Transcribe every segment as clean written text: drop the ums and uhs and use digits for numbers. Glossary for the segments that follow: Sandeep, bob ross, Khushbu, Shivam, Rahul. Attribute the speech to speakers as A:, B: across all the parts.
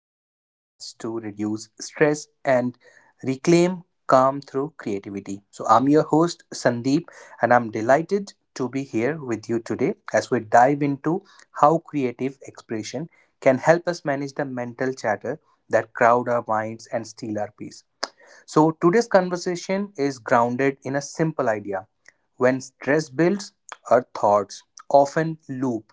A: everyday paths to reduce stress and reclaim calm through creativity. So, I'm your host, Sandeep, and I'm delighted to be here with you today as we dive into how creative expression can help us manage the mental chatter that crowd our minds and steal our peace. So, today's conversation is grounded in a simple idea. When stress builds, our thoughts often loop,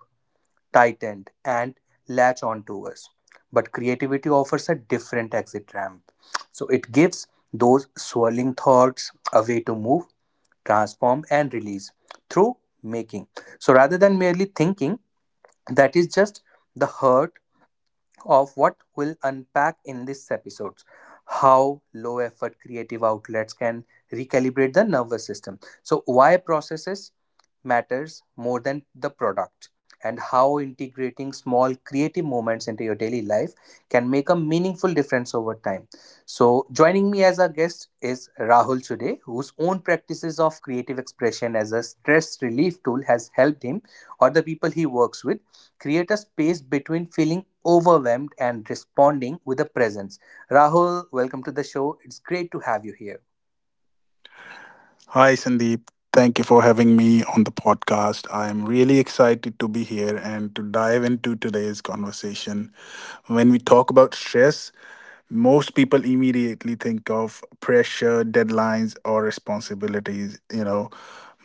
A: tighten, and latch onto us. But creativity offers a different exit ramp. So, it gives those swirling thoughts a way to move, transform, and release through making. So, rather than merely thinking, that is just the hurt of what we'll unpack in this episode. How low effort creative outlets can recalibrate the nervous system, so why processes matters more than the product, and how integrating small creative moments into your daily life can make a meaningful difference over time. So, joining me as our guest is Rahul today, whose own practices of creative expression as a stress relief tool has helped him or the people he works with create a space between feeling overwhelmed and responding with a presence. Rahul, welcome to the show. It's great to have you here.
B: Hi, Sandeep. Thank you for having me on the podcast. I'm really excited to be here and to dive into today's conversation. When we talk about stress, most people immediately think of pressure, deadlines, or responsibilities.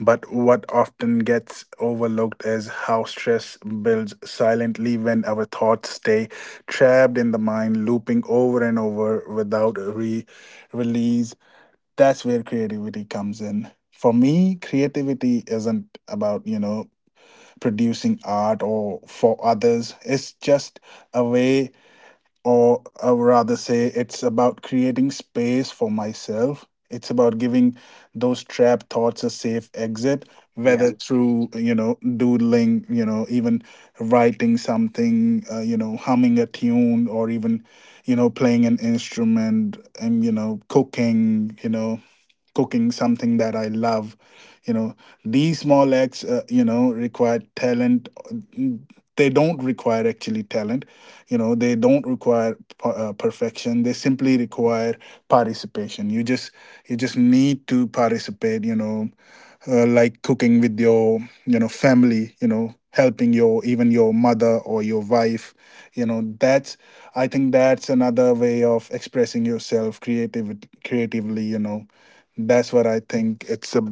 B: But what often gets overlooked is how stress builds silently when our thoughts stay trapped in the mind, looping over and over without release. That's where creativity comes in. For me, creativity isn't about, producing art, or for others, it's just a way. Or, I would rather say, it's about creating space for myself. It's about giving those trap thoughts a safe exit,
A: Yeah.
B: whether through, doodling, even writing something, humming a tune, or even, playing an instrument, and, cooking you know cooking something that I love. You know, these small acts, require talent. Mm, They don't require actually talent. They don't require perfection. They simply require participation. You just need to participate. Like cooking with your, family, helping your, even your mother or your wife. That's, I think, that's another way of expressing yourself, creatively. That's what I think. it's a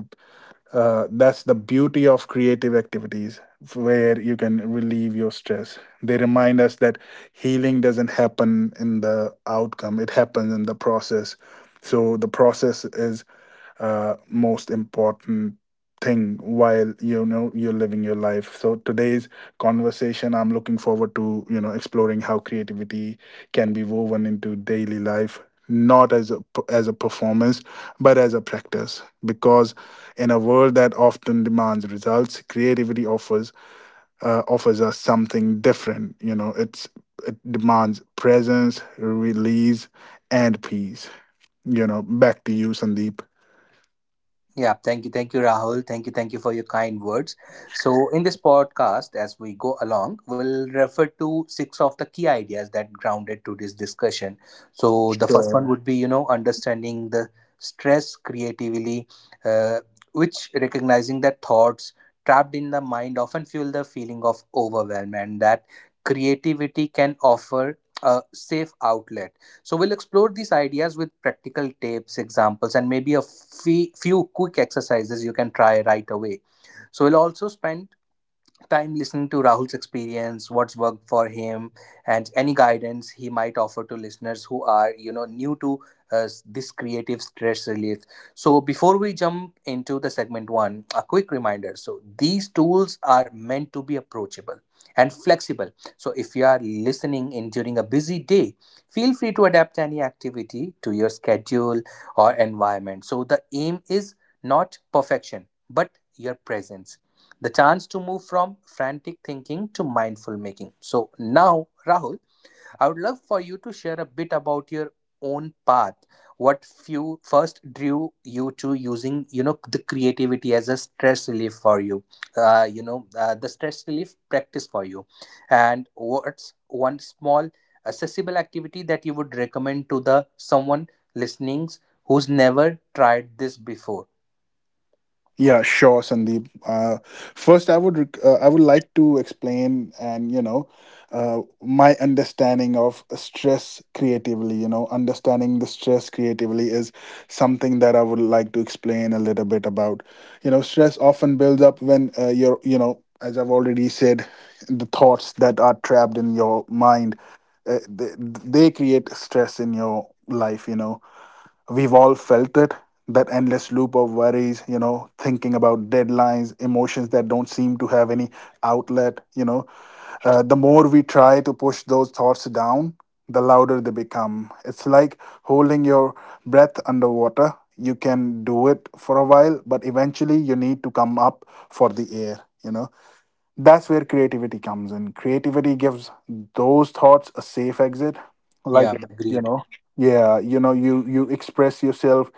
B: uh, that's the beauty of creative activities where you can relieve your stress. They remind us that healing doesn't happen in the outcome; it happens in the process. So the process is, most important thing while, you're living your life. So today's conversation, I'm looking forward to, exploring how creativity can be woven into daily life, not as a, as a performance, but as a practice. Because in a world that often demands results, creativity offers, offers us something different. It demands presence, release, and peace. Back to you, Sandeep.
A: Yeah, thank you, Rahul. Thank you for your kind words. So, in this podcast, as we go along, we'll refer to six of the key ideas that grounded today's discussion. So, the first one
B: Sure.
A: would be, you know, understanding the stress creatively, uh, which recognizing that thoughts trapped in the mind often fuel the feeling of overwhelm, and that creativity can offer a safe outlet. So we'll explore these ideas with practical tips, examples, and maybe a few quick exercises you can try right away. So we'll also spend time listening to Rahul's experience, what's worked for him, and any guidance he might offer to listeners who are, you know, new to this creative stress relief. So, before we jump into the segment one, a quick reminder. So, these tools are meant to be approachable and flexible. So, if you are listening in during a busy day, feel free to adapt any activity to your schedule or environment. So, the aim is not perfection, but your presence, the chance to move from frantic thinking to mindful making. So, now, Rahul, I would love for you to share a bit about your own path. What few first drew you to using, you know, the creativity as a stress relief for you, the stress relief practice for you, and what's one small accessible activity that you would recommend to the someone listening who's never tried this before?
B: Yeah, sure, Sandeep. First, I would I would like to explain, and, my understanding of stress creatively. Understanding the stress creatively is something that I would like to explain a little bit about. Stress often builds up when, you're, as I've already said, the thoughts that are trapped in your mind, they create stress in your life. You know, we've all felt it, that endless loop of worries, thinking about deadlines, emotions that don't seem to have any outlet. The more we try to push those thoughts down, the louder they become. It's like holding your breath underwater. You can do it for a while, but eventually you need to come up for the air, you know that's where creativity comes in. Creativity gives those thoughts a safe exit, like...
A: Yeah,
B: Yeah. you
A: agreed.
B: know yeah. You express yourself,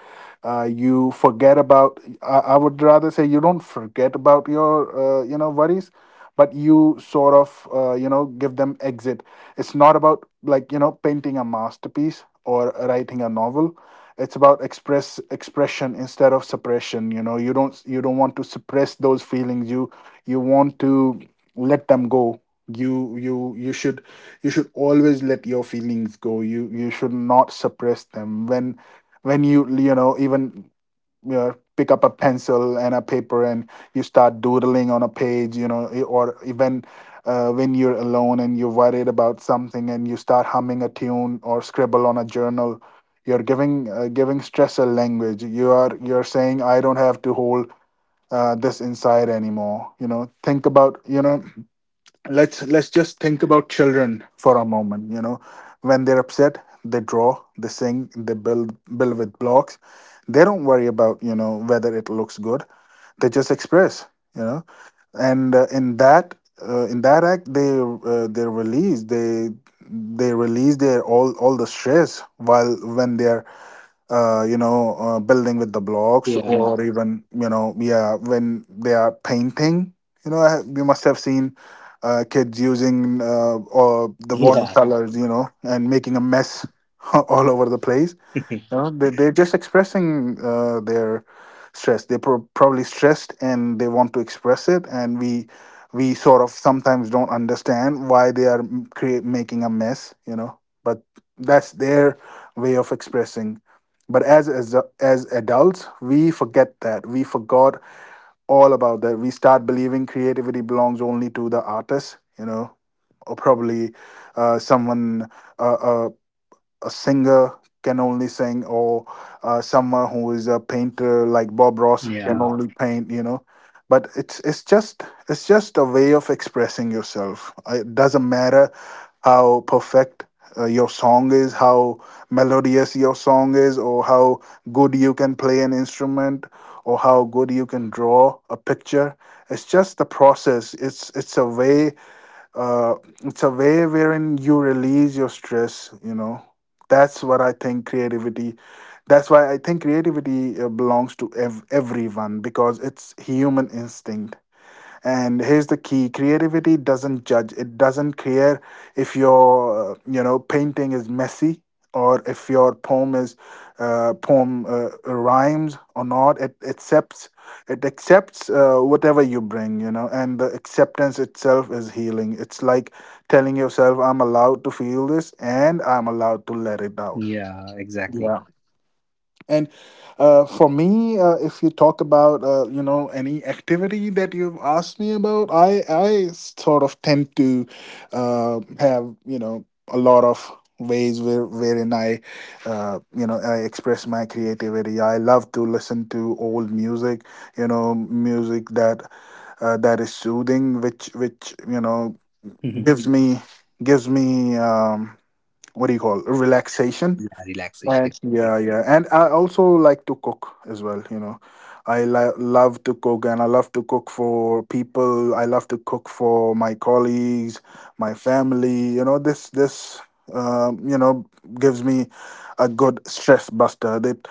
B: you forget about... I would rather say, you don't forget about your, worries, but you sort of, give them exit. It's not about, like, painting a masterpiece or writing a novel. It's about expression instead of suppression. You know, you don't, you don't want to suppress those feelings. You want to let them go. You you you should you should always let your feelings go. You should not suppress them when, you, you know even, pick up a pencil and a paper and you start doodling on a page, or even, when you're alone and you're worried about something and you start humming a tune or scribble on a journal, you're giving stress a language. You're saying, "I don't have to hold, this inside anymore." Think about, let's just think about children for a moment. When they're upset, they draw, they sing, they build with blocks. They don't worry about, whether it looks good. They just express. You know and, in that act, they, they release their all the stress while, when they're, building with the blocks. Yeah.
A: Yeah,
B: Or even, yeah, when they are painting, you must have seen, kids using, or the
A: yeah.
B: watercolors, and making a mess all over the place. No, they're just expressing, their stress. They're probably stressed and they want to express it, and we sort of sometimes don't understand why they are m- create making a mess. But that's their way of expressing. But as adults, we forget that, we forgot all about that. We start believing creativity belongs only to the artist, or probably, someone. uh, uh, a singer can only sing, or, someone who is a painter like Bob Ross can
A: Yeah,
B: only paint. But it's just a way of expressing yourself. It doesn't matter how perfect, your song is, how melodious your song is, or how good you can play an instrument, or how good you can draw a picture. It's just the process. It's it's a way uh, it's a way wherein you release your stress. That's what i think creativity that's why I think creativity, belongs to everyone, because it's human instinct. And here's the key: creativity doesn't judge, it doesn't care if your, painting is messy, or if your poem is, poem rhymes or not. It accepts, whatever you bring. And the acceptance itself is healing. It's like telling yourself, "I'm allowed to feel this, and I'm allowed to let it out."
A: yeah, exactly.
B: Yeah. And, for me, if you talk about, any activity that you've asked me about, I sort of tend to, have, a lot of ways wherein I, I express my creativity. I love to listen to old music, music that is soothing, which,
A: Mhm.
B: gives me gives me what do you call, relaxation.
A: Yeah, relaxation,
B: And yeah,
A: exactly.
B: yeah, and I also like to cook as well. I love to cook, and I love to cook for people. I love to cook for my colleagues, my family. This, um, you know gives me a good stress buster. That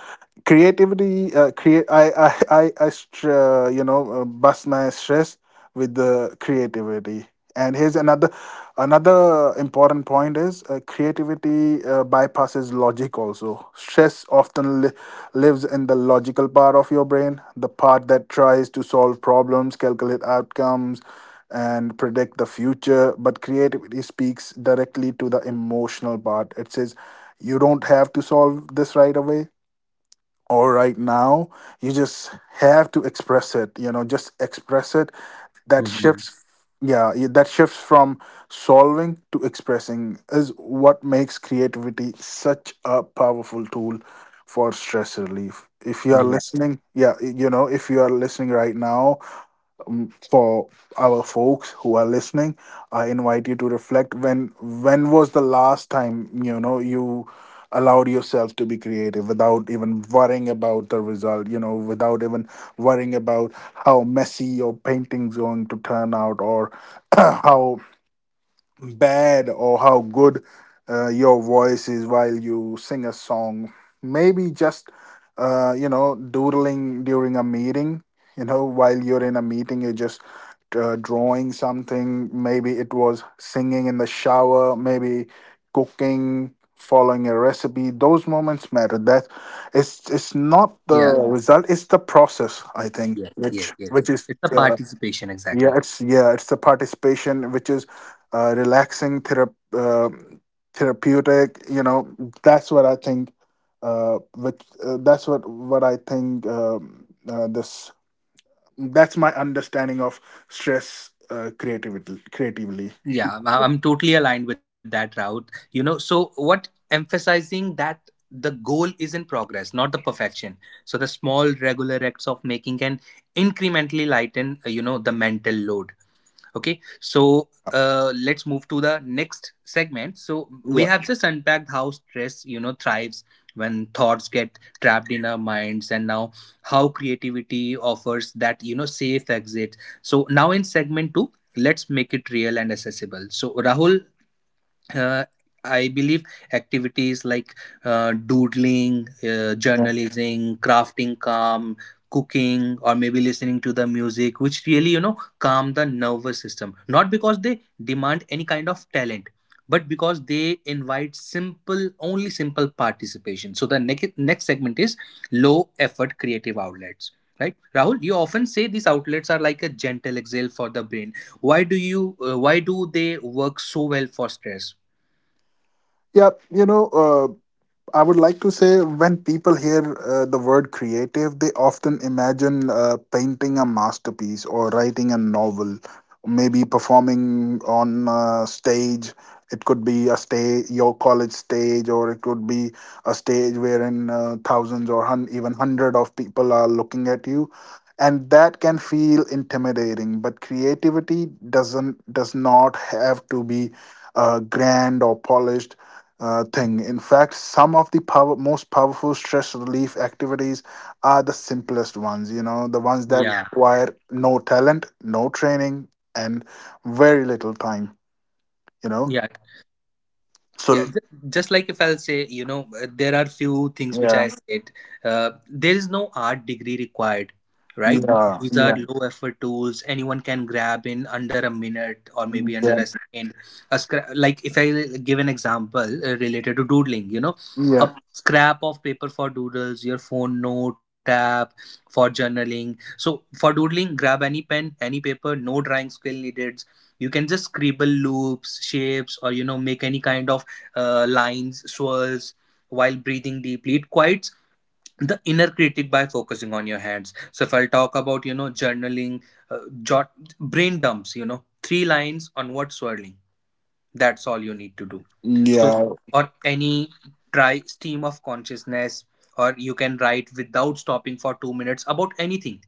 B: creativity, create. I bust my stress with the creativity. And here's another. Another important point is, creativity, bypasses logic also. Stress often lives in the logical part of your brain, the part that tries to solve problems, calculate outcomes, and predict the future. But creativity speaks directly to the emotional part. It says, you don't have to solve this right away, or right now. You just have to express it, just express it. That
A: Hmm.
B: shifts Yeah. That shifts from solving to expressing is what makes creativity such a powerful tool for stress relief. If you are
A: Yeah,
B: listening, yeah, if you are listening right now, for our folks who are listening, I invite you to reflect: when, was the last time, you allowed yourself to be creative without even worrying about the result, without even worrying about how messy your painting's going to turn out, or how bad or how good, your voice is while you sing a song. Maybe just, doodling during a meeting, while you're in a meeting, you're just, drawing something. Maybe it was singing in the shower, maybe cooking, following a recipe. Those moments matter, that it's not the,
A: yeah,
B: yeah, result, it's the process, I think,
A: yes, yes,
B: which
A: yes.
B: which is,
A: It's a participation,
B: yeah,
A: exactly.
B: it's, yeah, it's the participation, which is, relaxing, therapeutic. That's what I think. Which that's what I think. This that's my understanding of stress, creativity. Creatively,
A: Yeah, I'm totally aligned with that route. You know, so what emphasizing that the goal is in progress, not the perfection. So, the small regular acts of making can incrementally lighten, the mental load. Okay, so let's move to the next segment. So we
B: yeah,
A: have just unpacked how stress, you know, thrives when thoughts get trapped in our minds, and now how creativity offers that, you know, safe exit. So now, in segment 2, let's make it real and accessible. So Rahul, uh, I believe activities like doodling,
B: yeah,
A: journalism, crafting calm, cooking, or maybe listening to the music, which really, you know, calm the nervous system. Not because they demand any kind of talent, but because they invite simple, only simple participation. So the next segment is low effort creative outlets. Right, Rahul. You often say these outlets are like a gentle exhale for the brain. Why do you? Why do they work so well for stress?
B: yeah. I would like to say, when people hear, the word creative, they often imagine, painting a masterpiece or writing a novel, maybe performing on a stage. It could be a stage, your college stage, or it could be a stage wherein, thousands or even hundred of people are looking at you, and that can feel intimidating. But creativity does not have to be, grand or polished, thing. In fact, some of the most powerful stress relief activities are the simplest ones, the ones that, yeah,
A: Yeah,
B: require no talent, no training, and very little time, you know.
A: yeah. Yeah,
B: So,
A: just like if I'll say, you know, there are few things which
B: yeah,
A: I said. There is no art degree required, right?
B: yeah,
A: These are
B: yeah,
A: low effort tools anyone can grab in under a minute or maybe under
B: yeah,
A: a second. Like if I give an example related to doodling, you know, a scrap of paper for doodles, your phone note app for journaling. So for doodling, grab any pen, any paper, no drawing skill needed. You can just scribble loops, shapes, or you know, make any kind of lines, swirls while breathing deeply. It quiets the inner critic by focusing on your hands. So if I'll talk about you know journaling, jot brain dumps, you know, three lines on what swirling. That's all you need to do. So
B: yeah,
A: or any, try stream of consciousness, or you can write without stopping for 2 minutes about anything.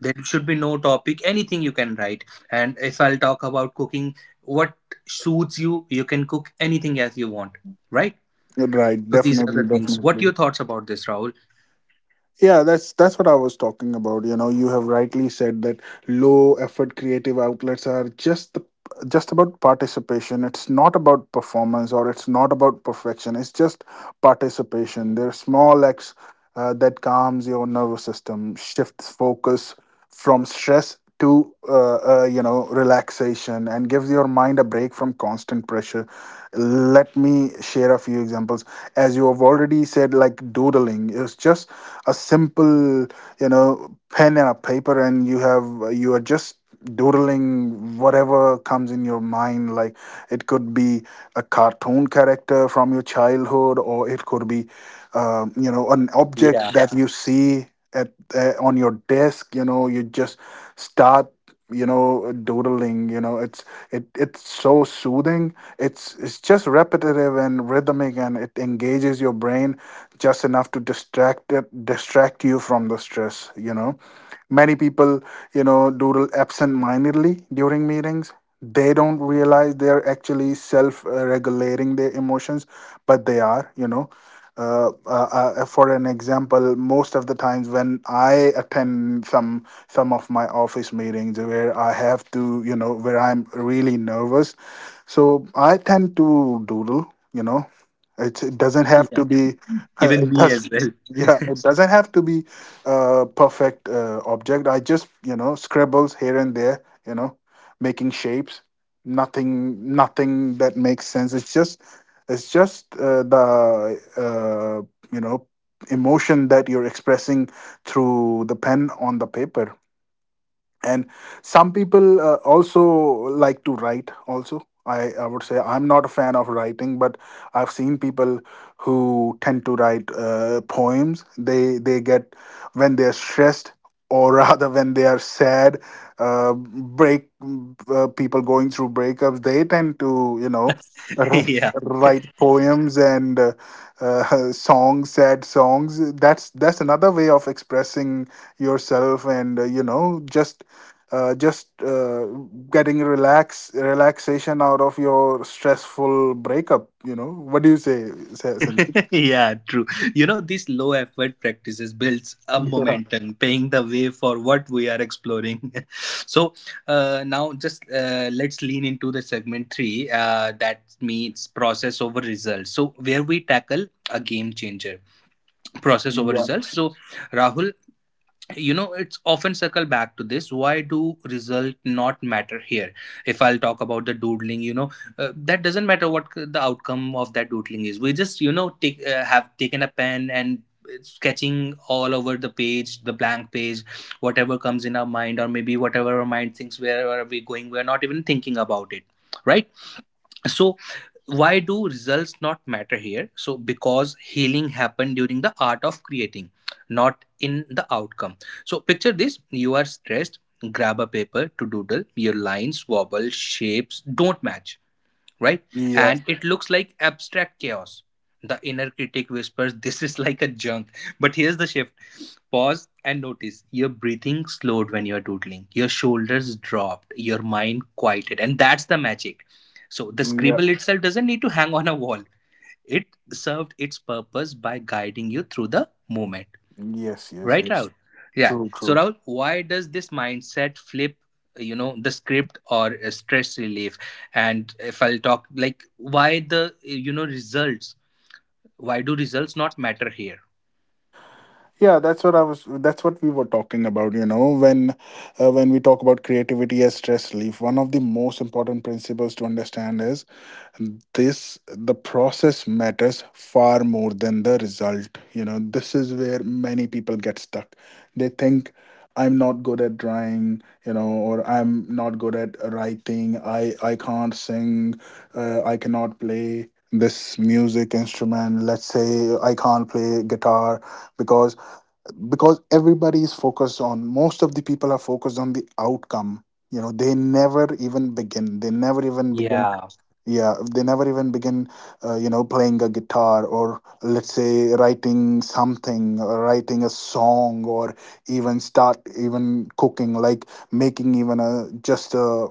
A: There should be no topic, anything you can write. And if I'll talk about cooking, what suits you, you can cook anything as you want, right?
B: yeah, right,
A: So these are
B: definitely,
A: the things. What
B: definitely.
A: your thoughts about this, Rahul?
B: Yeah, that's what I was talking about. You know, you have rightly said that low effort creative outlets are just about participation. It's not about performance or it's not about perfection. It's just participation. They're small acts that calms your nervous system, shifts focus from stress to relaxation, and gives your mind a break from constant pressure. Let me share a few examples. As you have already said, like doodling, it's just a simple pen and a paper, and you are just doodling whatever comes in your mind, like it could be a cartoon character from your childhood or it could be you know, an
A: Yeah,
B: object that you see at on your desk. You know, you just start, you know, doodling. You know, it's it's so soothing. It's just repetitive and rhythmic, and it engages your brain just enough to distract you from the stress. You know, many people, you know, doodle absent-mindedly during meetings. They don't realize they're actually self-regulating their emotions, but they are, you know, uh, uh, for an example, most of the times when I attend some of my office meetings where I have to, you know, where I'm really nervous, so I tend to doodle. You know, it doesn't have
A: yeah.
B: to be.
A: Even
B: It
A: me
B: does.
A: as well.
B: Yeah, it doesn't have to be a perfect object. I just, you know, scribbles here and there. You know, making shapes. Nothing that makes sense. It's just the you know, emotion that you're expressing through the pen on the paper. And some people also like to write also. I would say I'm not a fan of writing, but I've seen people who tend to write poems. They get when they're stressed or rather when they are sad. Break People going through breakups, they tend to, you know, r-
A: yeah,
B: write poems and uh, songs, sad songs. That's another way of expressing yourself, and you know, just uh, just uh, getting relaxation out of your stressful breakup. You know, what do you say, Sanjeev?
A: yeah, true. You know, these low effort practices builds a
B: Yeah,
A: momentum, paying the way for what we are exploring. So now, just let's lean into the segment three. That means process over results. So, where we tackle a game changer, process over
B: yeah,
A: results. So Rahul, you know, it's often circle back to this. Why do result not matter here? If I'll talk about the doodling, you know, that doesn't matter what the outcome of that doodling is. We just, you know, take have taken a pen and sketching all over the page, the blank page, whatever comes in our mind, or maybe whatever our mind thinks, wherever we're going, we're not even thinking about it, right? So why do results not matter here? So because healing happened during the art of creating, not in the outcome. So picture this: you are stressed, grab a paper to doodle, your lines wobble, shapes don't match, right?
B: yeah,
A: And it looks like abstract chaos. The inner critic whispers, "This is like a junk." But here's the shift: pause and notice your breathing slowed when you're doodling, your shoulders dropped, your mind quieted. And that's the magic. So the
B: yeah.
A: scribble itself doesn't need to hang on a wall, it served its purpose by guiding you through the movement.
B: Yes, yes,
A: Right,
B: yes.
A: Rahul? Yeah.
B: True,
A: So,
B: true.
A: Rahul, why does this mindset flip, you know, the script or stress relief? And if I'll talk, like, why the, you know, results? Why do results not matter here?
B: Yeah, that's what we were talking about. You know, when we talk about creativity as stress relief, one of the most important principles to understand is this: the process matters far more than the result. You know, this is where many people get stuck. They think, I'm not good at drawing, you know, or I'm not good at writing, I can't sing, I cannot play this music instrument, let's say I can't play guitar. because because everybody is focused on, most of the people are focused on the outcome. You know, they never even begin.
A: Yeah.
B: Yeah, they never even begin you know, playing a guitar, or let's say writing something or writing a song, or even start even cooking, like making even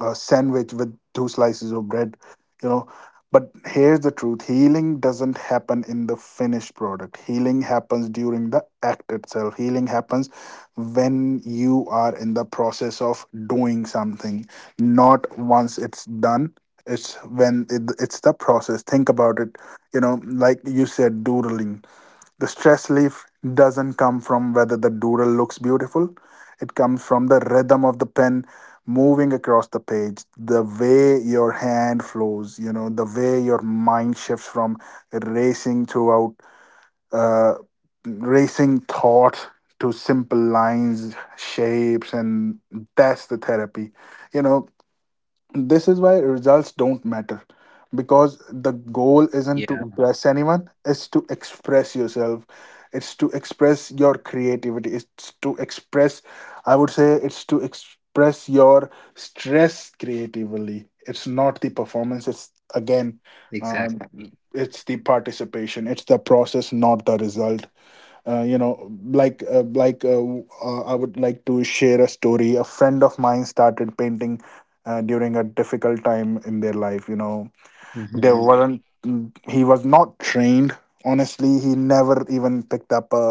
B: a sandwich with two slices of bread, you know. But here's the truth: healing doesn't happen in the finished product, healing happens during the act itself. Healing happens when you are in the process of doing something, not once it's done. It's the process. Think about it. You know, like you said, doodling, the stress relief doesn't come from whether the doodle looks beautiful. It comes from the rhythm of the pen moving across the page, the way your hand flows, you know, the way your mind shifts from racing throughout uh, racing thought to simple lines, shapes, and that's the therapy. You know, this is why results don't matter, because the goal isn't to
A: Yeah,
B: impress anyone, it's to express yourself. It's to express your creativity. It's to express, I would say, it's to express your stress creatively. It's not the performance, it's again, um,
A: exactly.
B: it's the participation, it's the process, not the result. uh, you know like uh, like uh, I would like to share a story. A friend of mine started painting during a difficult time in their life. You know, there
A: Hmm.
B: Mhm. weren't mm, He was not trained. Honestly, he never even picked up a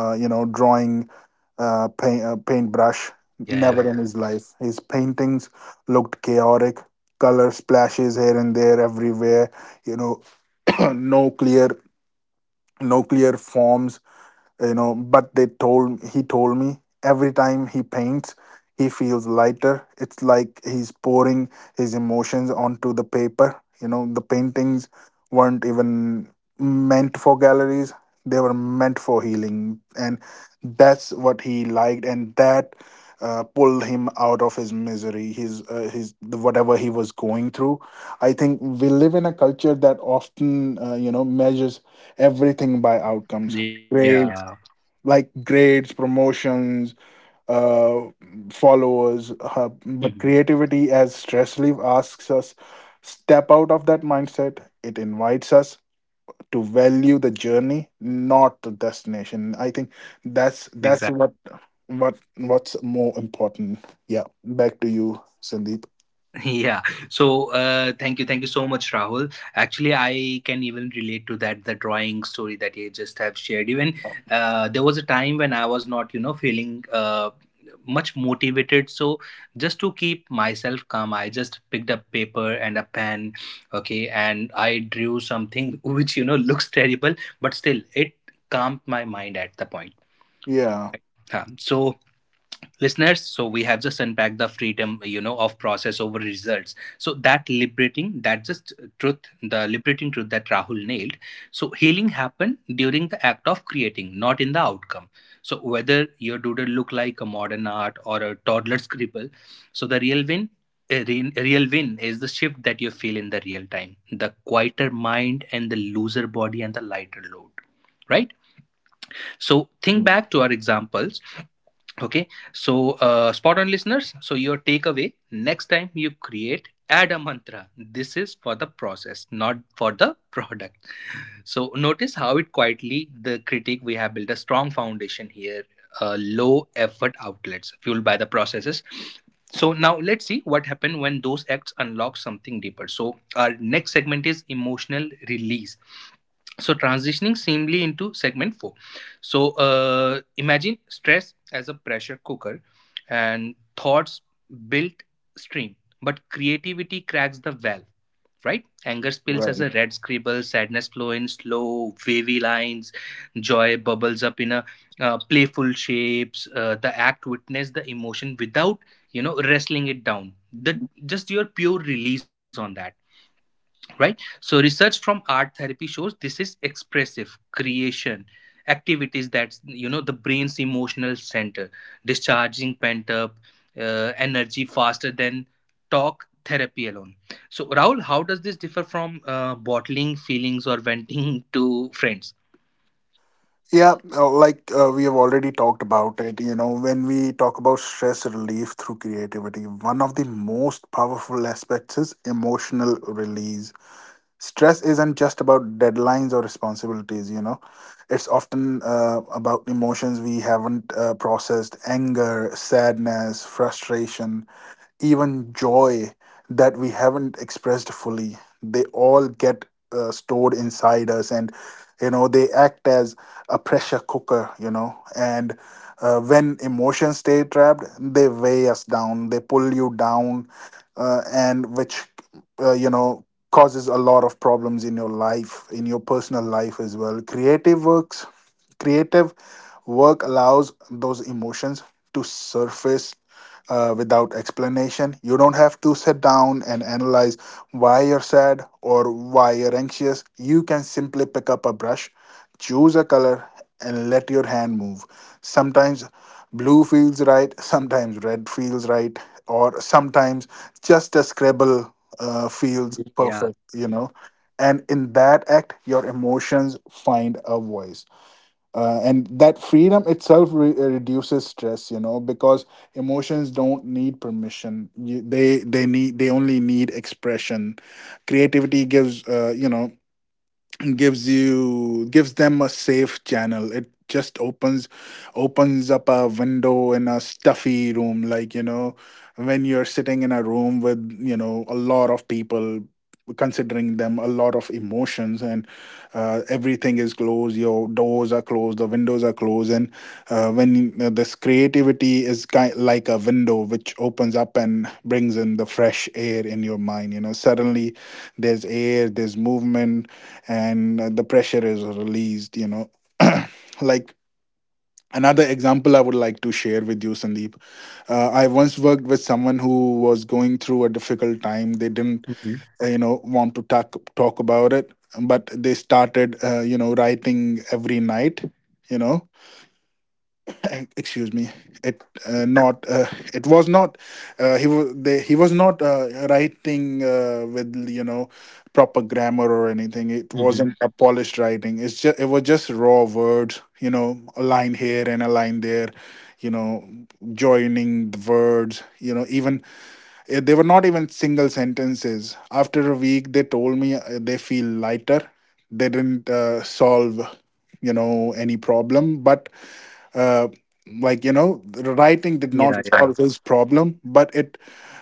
B: you know, paintbrush
A: Yeah,
B: never
A: yeah,
B: in his life. His paintings looked chaotic, color splashes here and there everywhere. You know, no clear, no clear forms. You know, but they told he told me every time he paints, he feels lighter. It's like he's pouring his emotions onto the paper. You know, the paintings weren't even meant for galleries, they were meant for healing, and that's what he liked, and that pulled him out of his misery, his whatever he was going through. I think we live in a culture that often you know, measures everything by outcomes,
A: yeah.
B: grades like grades, promotions, uh, followers.
A: Mhm.
B: But creativity as stress relief asks us step out of that mindset. It invites us to value the journey, not the destination. I think that's
A: Exactly.
B: what what's more important. Yeah, back to you, Sandeep.
A: Yeah. So, thank you so much, Rahul. Actually, I can even relate to that the drawing story that you just have shared. Even there was a time when I was not, you know, feeling much motivated. So, just to keep myself calm, I just picked up paper and a pen, okay, and I drew something which you know looks terrible, but still it calmed my mind at the point.
B: Yeah,
A: Right. Yeah. So listeners, so we have just unpacked the freedom, you know, of process over results. So that liberating, that just truth, the liberating truth that Rahul nailed. So healing happened during the act of creating, not in the outcome. So whether your doodle look like a modern art or a toddler scribble, so the real win, a real win is the shift that you feel in the real time, the quieter mind, and the looser body, and the lighter load, right? So think
B: yeah,
A: back to our examples. Okay, so spot on listeners. So, your takeaway next time you create, add a mantra. This is for the process, not for the product. So notice how it quietly the critique we have built a strong foundation here, low effort outlets fueled by the processes. So now let's see what happened when those acts unlock something deeper. So our next segment is emotional release. So transitioning seamlessly into segment four. So imagine stress as a pressure cooker, and thoughts built stream, but creativity cracks the valve, right? Anger spills
B: right.
A: as a red scribble, sadness flow in slow, wavy lines, joy bubbles up in a playful shapes. The act witness the emotion without, you know, wrestling it down. The just your pure release on that, right? So research from art therapy shows this is expressive creation activities, that's, you know, the brain's emotional center discharging pent up energy faster than talk therapy alone. So Raul, how does this differ from bottling feelings or venting to friends?
B: Yeah, we have already talked about it. You know, when we talk about stress relief through creativity, one of the most powerful aspects is emotional release. Stress isn't just about deadlines or responsibilities. You know, it's often about emotions we haven't processed: anger, sadness, frustration, even joy that we haven't expressed fully. They all get stored inside us, and you know, they act as a pressure cooker. You know, and when emotions stay trapped, they weigh us down. They pull you down, and which you know, causes a lot of problems in your life, in your personal life as well. Creative works, creative Work allows those emotions to surface without explanation. You don't have to sit down and analyze why you're sad or why you're anxious. You can simply pick up a brush, choose a color, and let your hand move. Sometimes blue feels right, sometimes red feels right, or sometimes just a scribble feels
A: Yeah.
B: perfect, you know. And in that act, your emotions find a voice, and that freedom itself reduces stress. You know, because emotions don't need permission. You, they need They only need expression. Creativity gives you know and gives you gives them a safe channel. It just opens opens up a window in a stuffy room, like, you know, when you're sitting in a room with, you know, a lot of people, considering them a lot of emotions, and everything is closed, your doors are closed, the windows are closed, and when this creativity is kind like a window which opens up and brings in the fresh air in your mind. You know, suddenly there's air, there's movement, and the pressure is released. You know, like, another example I would like to share with you, Sandeep. I once worked with someone who was going through a difficult time. They didn't
A: Hmm.
B: you know, want to talk about it, but they started, you know, writing every night. You know, excuse me, it not it was not he was they, he was not writing with, you know, proper grammar or anything. It
A: Hmm.
B: wasn't a polished writing. It was just raw words. You know, a line here and a line there, you know, joining the words. You know, they were not even single sentences. After a week, they told me they feel lighter. They didn't solve, you know, any problem, but uh, like, you know, the writing did not
A: Yeah. Yeah.
B: solve his problem, but it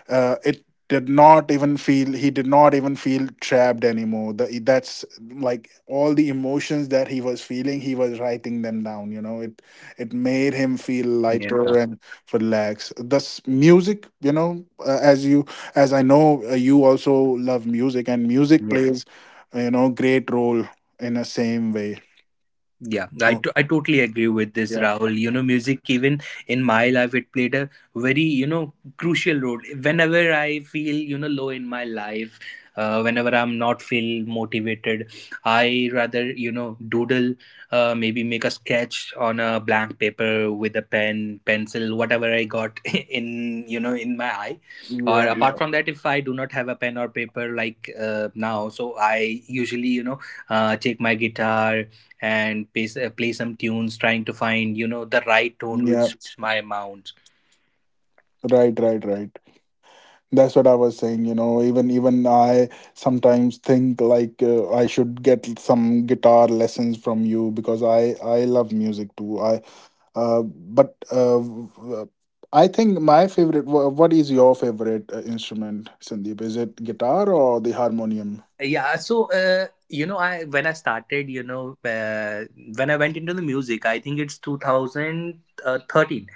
B: it did not even feel he did not even feel trapped anymore. That's, like, all the emotions that he was feeling, he was writing them down. You know, it made him feel lighter and relaxed. This music, you know, as I know, you also love music, and music
A: Yeah.
B: plays you know, great role in the same way.
A: Yeah,
B: Oh,
A: I totally agree with this,
B: yeah,
A: Rahul. You know, music, even in my life, it played a very, you know, crucial role. Whenever I feel, you know, low in my life, whenever I'm not feel motivated, I rather, you know, doodle, maybe make a sketch on a blank paper with a pen, pencil, whatever I got in, you know, in my eye. Or
B: yeah,
A: apart from that, if I do not have a pen or paper like now, so I usually, you know, take my guitar and play some tunes, trying to find you know the right
B: yeah.
A: tone which suits
B: Yeah.
A: my amount.
B: Right, right, right. That's what I was saying. You know, even I sometimes think like, I should get some guitar lessons from you because I love music too. I but w- w- I think my favorite. What is your favorite instrument, Sandeep? Is it guitar or the harmonium?
A: Yeah, so you know, I when I started, you know, when I went into the music, I think it's 2013.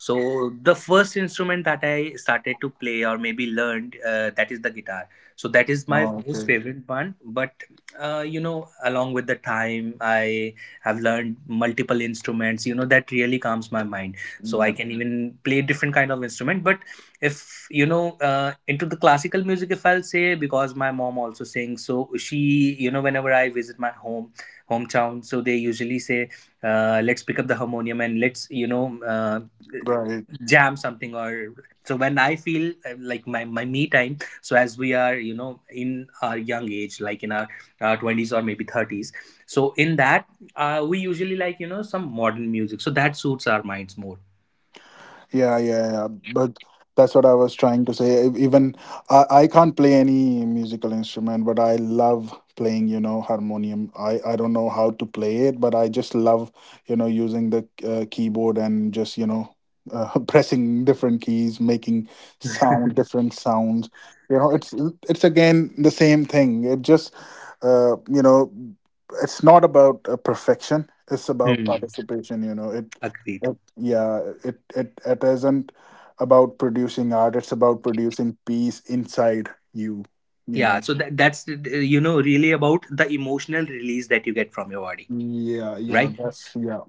A: So the first instrument that I started to play or maybe learned, that is the guitar, so that is my
B: Oh,
A: most
B: okay.
A: favorite one. But you know, along with the time, I have learned multiple instruments, you know, that really calms my mind. So I
B: Yeah.
A: can even play different kind of instrument. But if you know into the classical music, if I'll say, because my mom also sings, so she, you know, whenever I visit my hometown, so they usually say, let's pick up the harmonium and let's, you know,
B: Right.
A: jam something. Or so when I feel like my me time, so as we are, you know, in our young age, like in our 20s or maybe 30s, so in that, we usually like, you know, some modern music, so that suits our minds more.
B: Yeah, yeah, yeah. But that's what I was trying to say. Even I can't play any musical instrument, but I love playing, you know, harmonium. I don't know how to play it, but I just love, you know, using the keyboard and just, you know, pressing different keys, making different sounds. You know, it's again the same thing. It just, you know, it's not about perfection. It's about
A: Hmm.
B: participation. You know,
A: Agreed.
B: yeah, it it isn't about producing art, it's about producing peace inside you, you
A: Yeah,
B: know.
A: so that's you know really about the emotional release that you get from your body,
B: Yeah, yeah,
A: right?
B: that's yeah.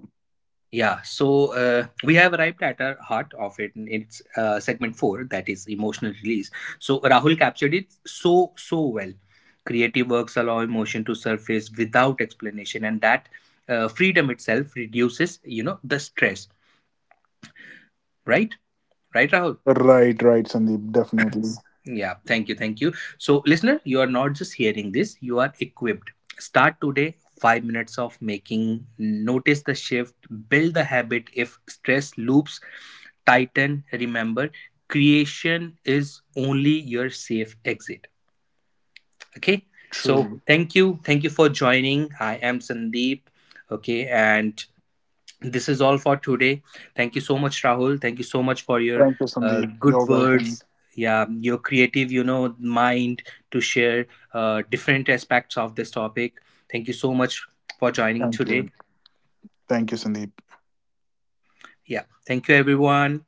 A: Yeah, so we have arrived at our heart of it. And it's segment four, that is emotional release. So Rahul captured it so well. Creative works allow emotion to surface without explanation, and that freedom itself reduces you know the stress, right? Right, Rahul?
B: Right, right, Sandeep, definitely.
A: Yeah, thank you, thank you. So, listener, you are not just hearing this, you are equipped. Start today, 5 minutes of making, notice the shift, build the habit. If stress loops tighten, remember creation is only your safe exit. Okay, so
B: True.
A: thank you for joining. I am Sandeep. Okay, and this is all for today. Thank you so much, Rahul. Thank you so much for your
B: Thank you, Sandeep. You're
A: good
B: welcome.
A: words. Yeah, your creative, you know, mind to share different aspects of this topic. Thank you so much for joining
B: Thank
A: today.
B: you. Thank you, Sandeep.
A: Yeah, thank you, everyone.